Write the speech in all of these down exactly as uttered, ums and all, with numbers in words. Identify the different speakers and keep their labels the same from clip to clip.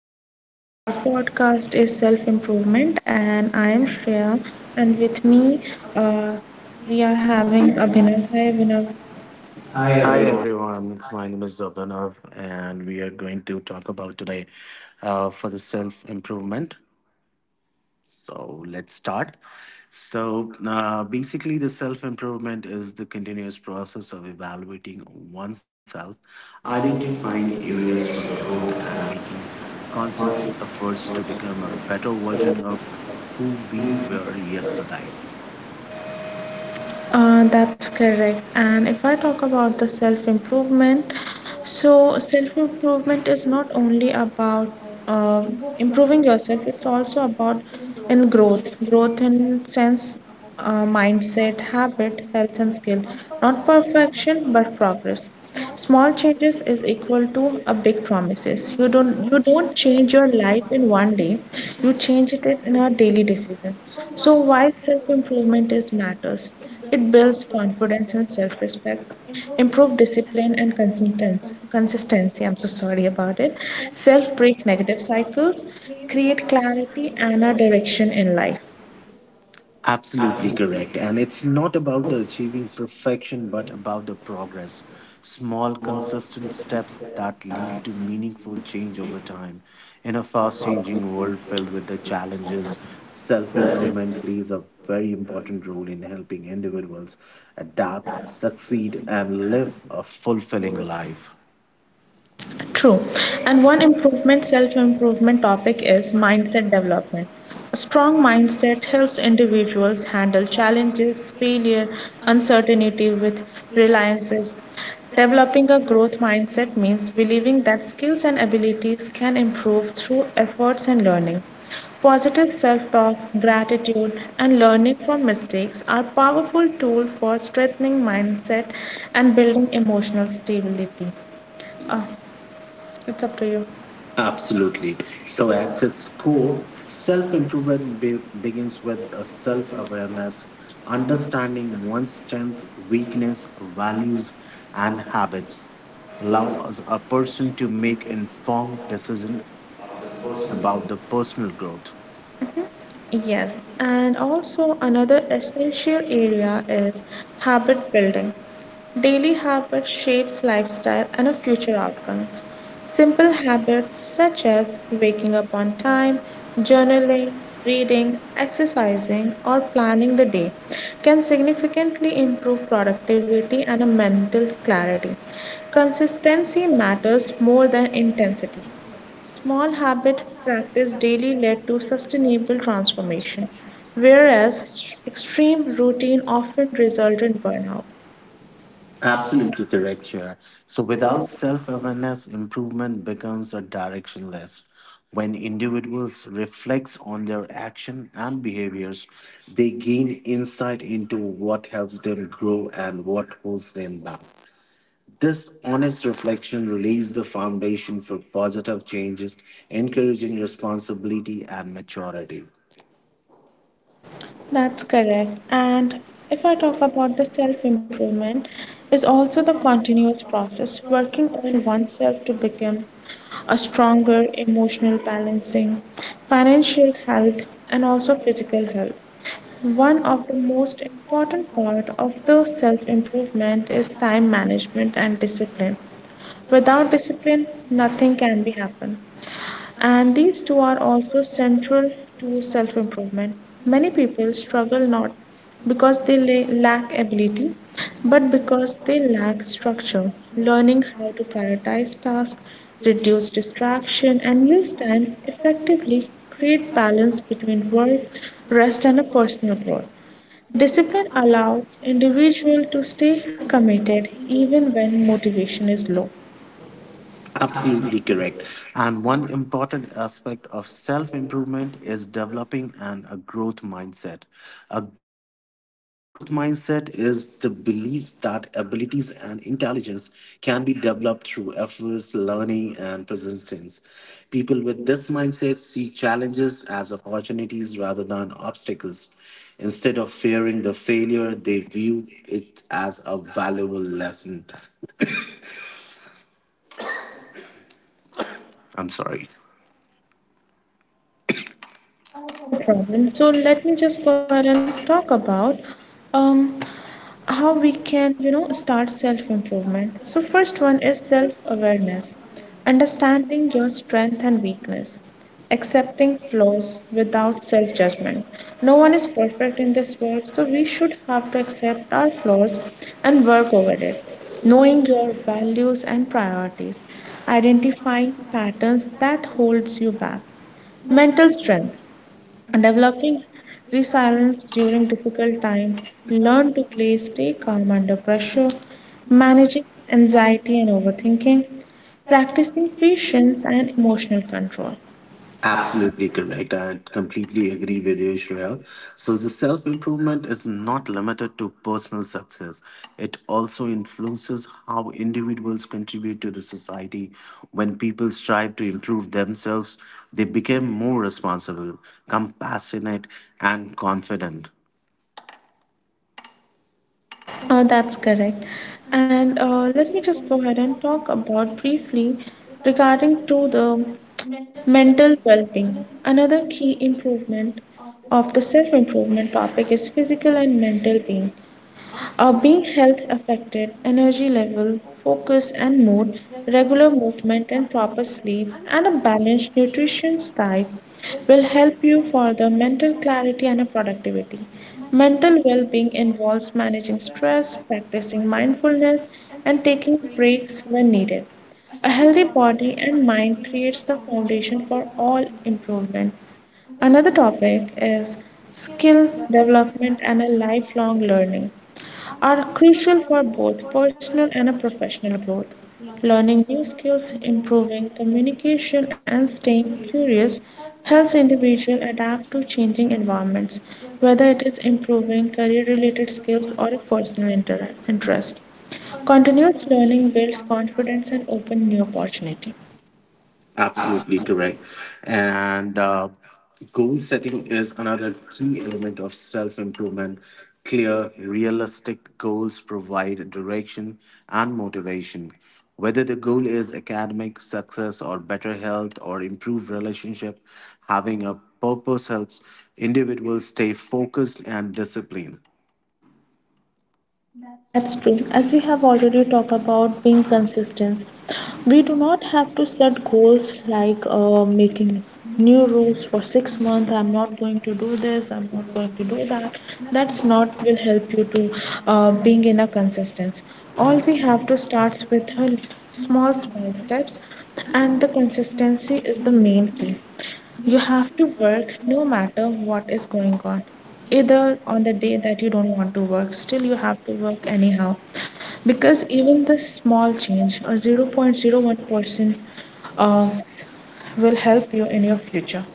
Speaker 1: topic of our podcast is self-improvement, and I am Shreya, and with me, uh, we are having Abhinav. Hi, Abhinav.
Speaker 2: Hi everyone, my name is Abhinav, and we are going to talk about today uh, for the self improvement. So let's start. So uh, basically, the self improvement is the continuous process of evaluating oneself, identifying areas for growth, and making conscious efforts to become a better version of who we were yesterday.
Speaker 1: Uh, that's correct. And if I talk about the self improvement, so self improvement is not only about uh, improving yourself, it's also about in growth, growth in sense, uh, mindset, habit, health, and skill. Not perfection, but progress. Small changes is equal to a big promises. You don't you don't change your life in one day. You change it in a daily decision. So why self-improvement is matters? It builds confidence and self-respect, improve discipline and consistency. Consistency. I'm so sorry about it. Self-break negative cycles, create clarity and a direction in life.
Speaker 2: Absolutely correct. And it's not about the achieving perfection, but about the progress. Small, consistent steps that lead to meaningful change over time. In a fast changing world filled with the challenges, self improvement plays a very important role in helping individuals adapt, succeed, and live a fulfilling life.
Speaker 1: True. And one improvement, self improvement topic is mindset development. A strong mindset helps individuals handle challenges, failure, uncertainty with reliances. Developing a growth mindset means believing that skills and abilities can improve through efforts and learning. Positive self talk, gratitude, and learning from mistakes are powerful tools for strengthening mindset and building emotional stability. Uh, it's up to you.
Speaker 2: Absolutely. So at its core, self improvement be- begins with a self awareness, understanding one's strength, weakness, values, and habits. Allow us a person to make informed decision about the personal growth.
Speaker 1: Yes, and also another essential area is habit building. Daily habit shapes lifestyle and our future outcomes. Simple habits such as waking up on time, journaling, reading, exercising, or planning the day can significantly improve productivity and a mental clarity. Consistency matters more than intensity. Small habit practice daily led to sustainable transformation, whereas extreme routine often resulted in burnout.
Speaker 2: Absolutely correct, Chair. So without self awareness, improvement becomes a directionless. When individuals reflect on their action and behaviors, they gain insight into what helps them grow and what holds them back. This honest reflection lays the foundation for positive changes, encouraging responsibility and maturity.
Speaker 1: That's correct. And if I talk about the self improvement, is also the continuous process working on oneself to become a stronger emotional balancing, financial health, and also physical health. One of the most important part of the self improvement is time management and discipline. Without discipline, nothing can be happen. And these two are also central to self-improvement. Many people struggle not because they la- lack ability, but because they lack structure. Learning how to prioritize tasks, reduce distraction, and use time effectively create balance between work, rest, and a personal growth. Discipline allows individual to stay committed even when motivation is low.
Speaker 2: Absolutely correct. And one important aspect of self improvement is developing an, a growth mindset. A growth mindset is the belief that abilities and intelligence can be developed through efforts, learning, and persistence. People with this mindset see challenges as opportunities rather than obstacles. Instead of fearing the failure, they view it as a valuable lesson. I'm sorry.
Speaker 1: Uh, no problem. So let me just go ahead and talk about um, how we can, you know, start self-improvement. So first one is self-awareness, understanding your strength and weakness, accepting flaws without self-judgment. No one is perfect in this world, so we should have to accept our flaws and work over it. Knowing your values and priorities, identifying patterns that holds you back mental strength. Developing resilience during difficult time, learn to play, stay calm under pressure, managing anxiety and overthinking, practicing patience and emotional control.
Speaker 2: Absolutely correct. I completely agree with you, Shreya. So, the self improvement is not limited to personal success, it also influences how individuals contribute to the society. When people strive to improve themselves, they become more responsible, compassionate, and confident.
Speaker 1: Oh, that's correct. And uh, let me just go ahead and talk about briefly regarding to the mental well-being. Another key improvement of the self-improvement topic is physical and mental being. Are being health affected, energy level, focus and mood, regular movement and proper sleep, and a balanced nutrition diet will help you for the mental clarity and a productivity. Mental well being involves managing stress, practicing mindfulness, and taking breaks when needed. A healthy body and mind creates the foundation for all improvement. Another topic is skill development and a lifelong learning are crucial for both personal and professional growth. Learning new skills, improving communication, and staying curious helps individuals adapt to changing environments, whether it is improving career-related skills or a personal inter- interest. Continuous learning builds confidence and opens new opportunity.
Speaker 2: Absolutely correct. And uh, goal setting is another key element of self improvement. Clear, realistic goals provide direction and motivation. Whether the goal is academic success or better health or improved relationship, having a purpose helps individuals stay focused and disciplined.
Speaker 1: That's true. As we have already talked about being consistent, we do not have to set goals like uh, making new rules for six months. I'm not going to do this. I'm not going to do that. That's not will help you to uh, being in a consistent. All we have to starts with a small small steps, and the consistency is the main key. You have to work no matter what is going on. Either on the day that you don't want to work, still you have to work anyhow. Because even the small change or zero point zero one percent uh, will help you in your future.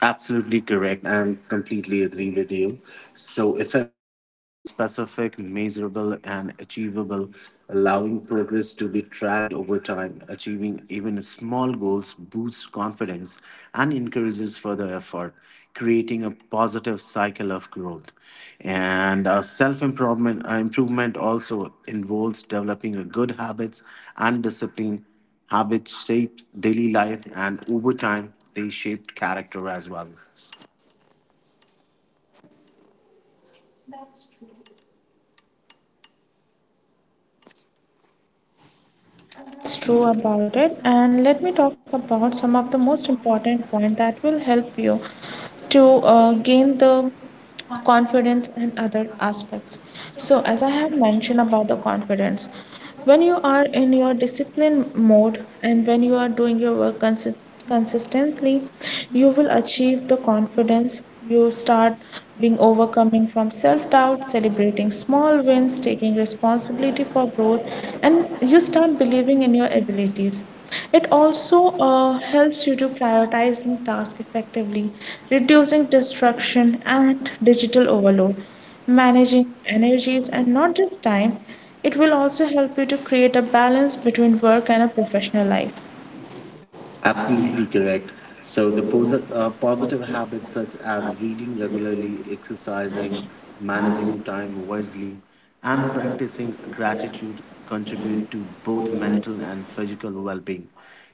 Speaker 2: Absolutely correct. And completely agree with you. So, effective goals are specific, measurable, and achievable, allowing progress to be tracked over time. Achieving even small goals boosts confidence and encourages further effort, creating a positive cycle of growth. And uh, self improvement uh, improvement also involves developing a good habits and discipline. Habits shaped daily life, and over time, they shaped character as well.
Speaker 1: Uh, that's true about it. And let me talk about some of the most important point that will help you to uh, gain the confidence and other aspects. So as I had mentioned about the confidence, when you are in your discipline mode and when you are doing your work consi- consistently, you will achieve the confidence. You start being overcoming from self doubt, celebrating small wins, taking responsibility for growth, and you start believing in your abilities. It also uh, helps you to prioritizing tasks effectively, reducing distraction and digital overload, managing energies and not just time. It will also help you to create a balance between work and a professional life.
Speaker 2: Absolutely correct. So, the posi- uh, positive habits such as reading regularly, exercising, managing time wisely, and practicing gratitude contribute to both mental and physical well being.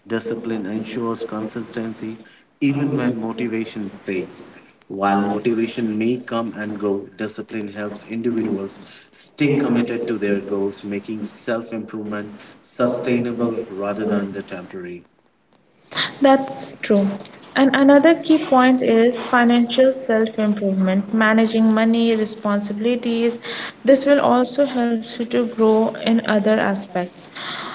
Speaker 2: Discipline ensures consistency even when motivation fades. While motivation may come and go, discipline helps individuals stay committed to their goals, making self improvement sustainable rather than the temporary.
Speaker 1: That's true. And another key point is financial self improvement, managing money, responsibilities. This will also help you to grow in other aspects.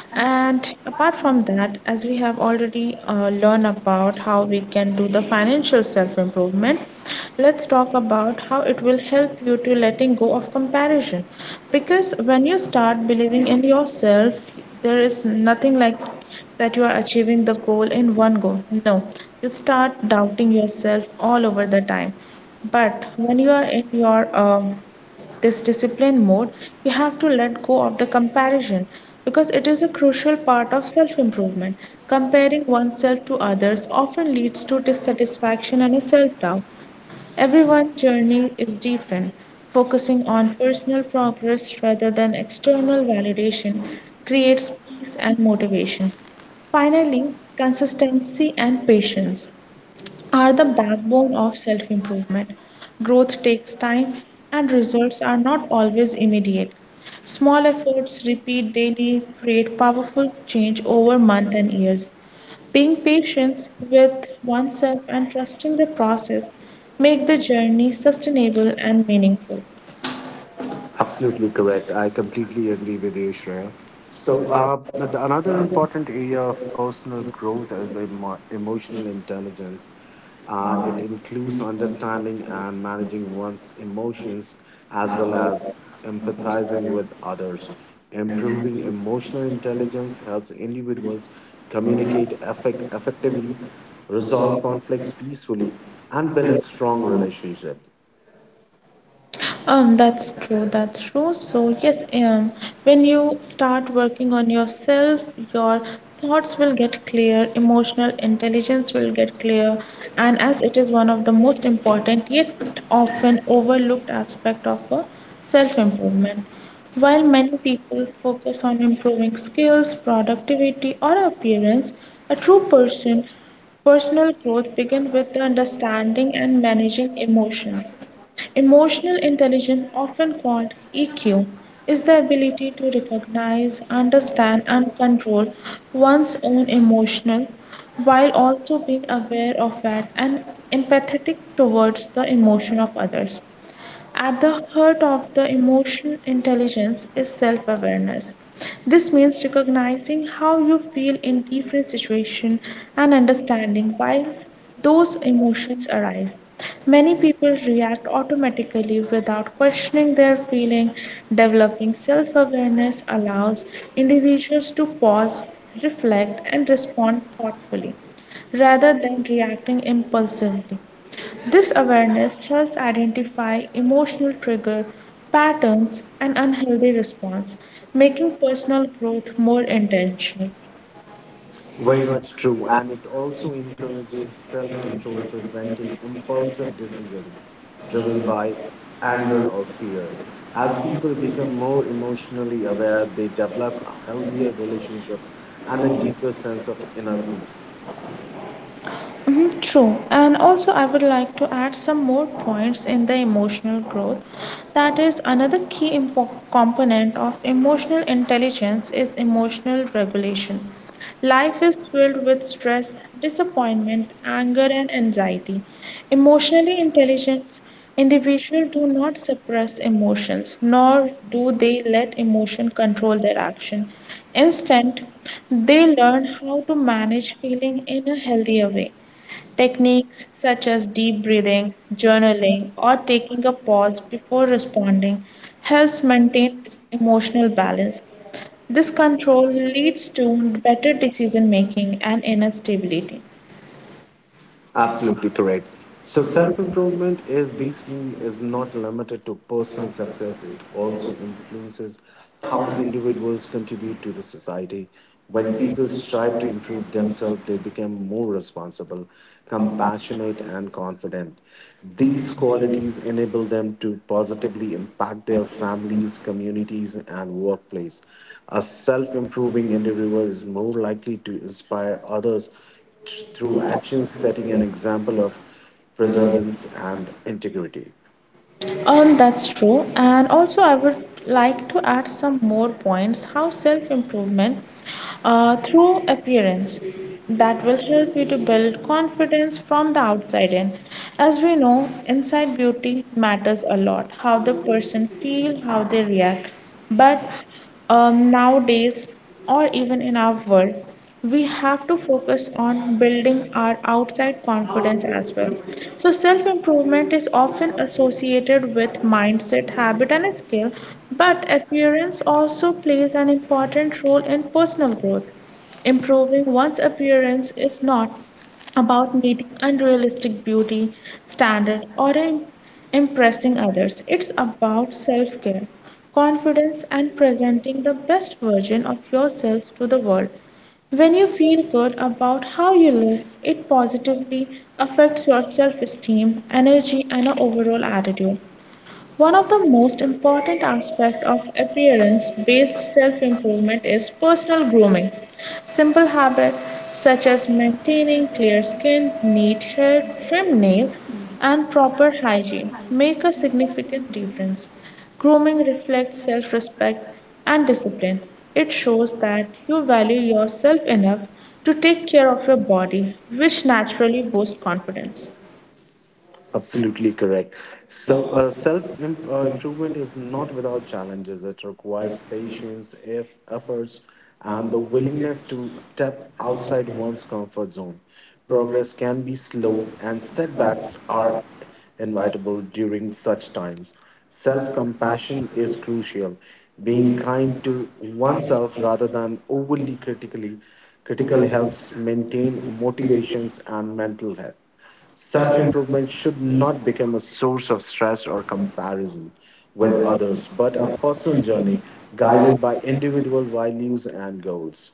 Speaker 1: And apart from that, as we have already uh, learned about how we can do the financial self improvement, let's talk about how it will help you to letting go of comparison. Because when you start believing in yourself, there is nothing like that you are achieving the goal in one go. No, you start doubting yourself all over the time. But when you are in your um, this discipline mode, you have to let go of the comparison because it is a crucial part of self improvement. Comparing oneself to others often leads to dissatisfaction and self doubt. Everyone's journey is different. Focusing on personal progress rather than external validation creates peace and motivation. Finally, consistency and patience are the backbone of self improvement. Growth takes time and results are not always immediate. Small efforts, repeat daily, create powerful change over months and years. Being patient with oneself and trusting the process make the journey sustainable and meaningful.
Speaker 2: Absolutely correct. I completely agree with you, Shreya. So, uh, the, another important area of personal growth is emo- emotional intelligence. Uh, it includes understanding and managing one's emotions as well as empathizing with others. Improving emotional intelligence helps individuals communicate effect- effectively, resolve conflicts peacefully, and build a strong relationship.
Speaker 1: Um, that's true, that's true. So, yes, um, when you start working on yourself, your thoughts will get clear, emotional intelligence will get clear, and as it is one of the most important yet often overlooked aspect of a self-improvement. While many people focus on improving skills, productivity, or appearance, a true person personal growth begins with the understanding and managing emotion. Emotional intelligence, often called E Q, is the ability to recognize, understand, and control one's own emotions while also being aware of it and empathetic towards the emotion of others. At the heart of the emotional intelligence is self awareness. This means recognizing how you feel in different situations and understanding why those emotions arise. Many people react automatically without questioning their feeling. Developing self awareness allows individuals to pause, reflect, and respond thoughtfully rather than reacting impulsively. This awareness helps identify emotional trigger patterns and unhealthy response, making personal growth more intentional.
Speaker 2: Very much true. And it also encourages self control, preventing impulsive decisions driven by anger or fear. As people become more emotionally aware, they develop a healthier relationship and a deeper sense of inner peace.
Speaker 1: Mhm. True, and also I would like to add some more points in the emotional growth. That is another key impo- component of emotional intelligence is emotional regulation. Life is filled with stress, disappointment, anger, and anxiety. Emotionally intelligent individuals do not suppress emotions, nor do they let emotion control their action. Instead, they learn how to manage feeling in a healthier way. Techniques such as deep breathing, journaling, or taking a pause before responding helps maintain emotional balance. This control leads to better decision making and inner stability.
Speaker 2: Absolutely correct. So self improvement is basically is not limited to personal success. It also influences how individuals contribute to the society. When people strive to improve themselves, they become more responsible, compassionate, and confident. These qualities enable them to positively impact their families, communities, and workplace. A self improving individual is more likely to inspire others t- through actions setting an example of perseverance and integrity.
Speaker 1: Um, that's true. And also, I would like to add some more points how self improvement uh, through appearance that will help you to build confidence from the outside in. As we know, inside beauty matters a lot how the person feel, how they react. But um, nowadays or even in our world, we have to focus on building our outside confidence as well. So, self improvement is often associated with mindset, habit, and skill, but appearance also plays an important role in personal growth. Improving one's appearance is not about meeting unrealistic beauty standard or im- impressing others. It's about self-care, confidence and presenting the best version of yourself to the world. When you feel good about how you live, it positively affects your self-esteem, energy and your overall attitude. One of the most important aspects of appearance based self improvement is personal grooming. Simple habits such as maintaining clear skin, neat hair, trim nails, and proper hygiene make a significant difference. Grooming reflects self respect and discipline. It shows that you value yourself enough to take care of your body, which naturally boosts confidence.
Speaker 2: Absolutely correct. So, uh, self im- uh, improvement is not without challenges. It requires patience, if efforts, and the willingness to step outside one's comfort zone. Progress can be slow, and setbacks are inevitable during such times. Self compassion is crucial. Being kind to oneself rather than overly critically critical helps maintain motivations and mental health. Self improvement should not become a source of stress or comparison with others, but a personal journey guided by individual values and goals.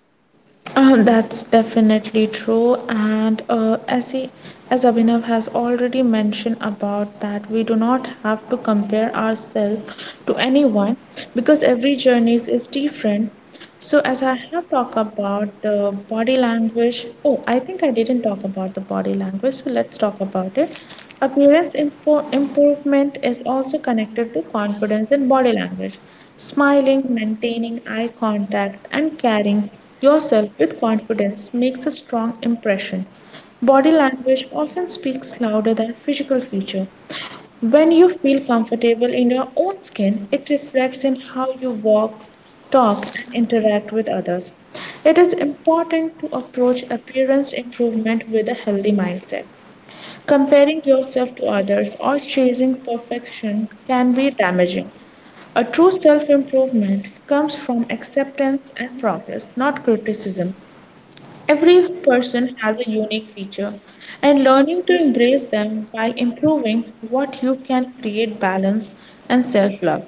Speaker 1: Uh, that's definitely true, and uh, as he, as Abhinav has already mentioned about that, we do not have to compare ourselves to anyone because every journey is different. So, as I have talked about the body language, oh, I think I didn't talk about the body language, so let's talk about it. Appearance impo- improvement is also connected to confidence in body language. Smiling, maintaining eye contact, and carrying yourself with confidence makes a strong impression. Body language often speaks louder than physical feature. When you feel comfortable in your own skin, it reflects in how you walk, talk, and interact with others. It is important to approach appearance improvement with a healthy mindset. Comparing yourself to others or chasing perfection can be damaging. A true self improvement comes from acceptance and progress, not criticism. Every person has a unique feature, and learning to embrace them while improving what you can create balance and self love.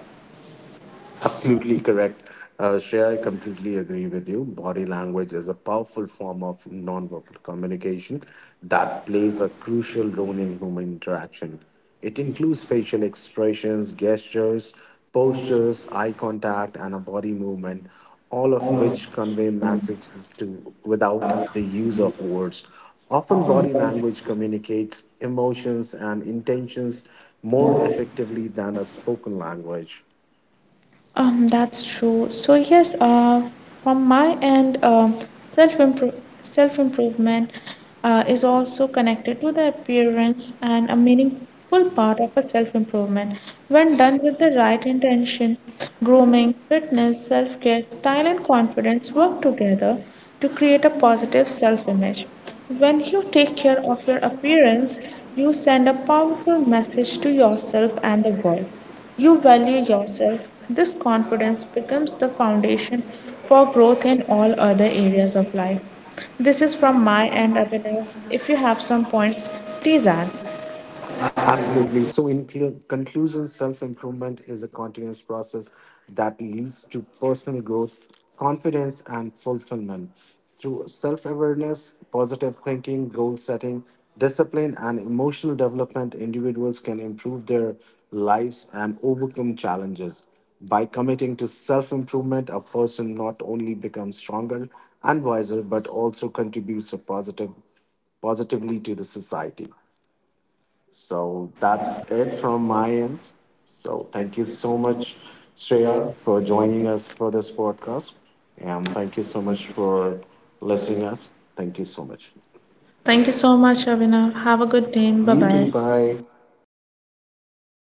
Speaker 2: Absolutely correct. Uh, Shreya, I completely agree with you. Body language is a powerful form of nonverbal communication that plays a crucial role in human interaction. It includes facial expressions, gestures, postures, eye contact, and a body movement, all of which convey messages to without the use of words. Often, body language communicates emotions and intentions more effectively than a spoken language.
Speaker 1: Um, that's true. So yes, uh, from my end, um self improve self improvement uh, is also connected to the appearance and a meaningful part of a self improvement. When done with the right intention, grooming, fitness, self care, style, and confidence work together to create a positive self image. When you take care of your appearance, you send a powerful message to yourself and the world you value yourself, this confidence becomes the foundation for growth in all other areas of life. This is from my end, Abhinav. If you have some points, please add.
Speaker 2: Absolutely. So, in clu- conclusion, self improvement is a continuous process that leads to personal growth, confidence, and fulfillment. Through self awareness, positive thinking, goal setting, discipline, and emotional development, individuals can improve their lives and overcome challenges. By committing to self improvement, a person not only becomes stronger and wiser, but also contributes a positive, positively to the society. So that's it from my end. So thank you so much, Shreya, for joining us for this podcast. And thank you so much for listening us. Thank you so much.
Speaker 1: Thank you so much, Abhinav. Have a good day. Bye
Speaker 2: You too.
Speaker 1: bye.
Speaker 2: Bye.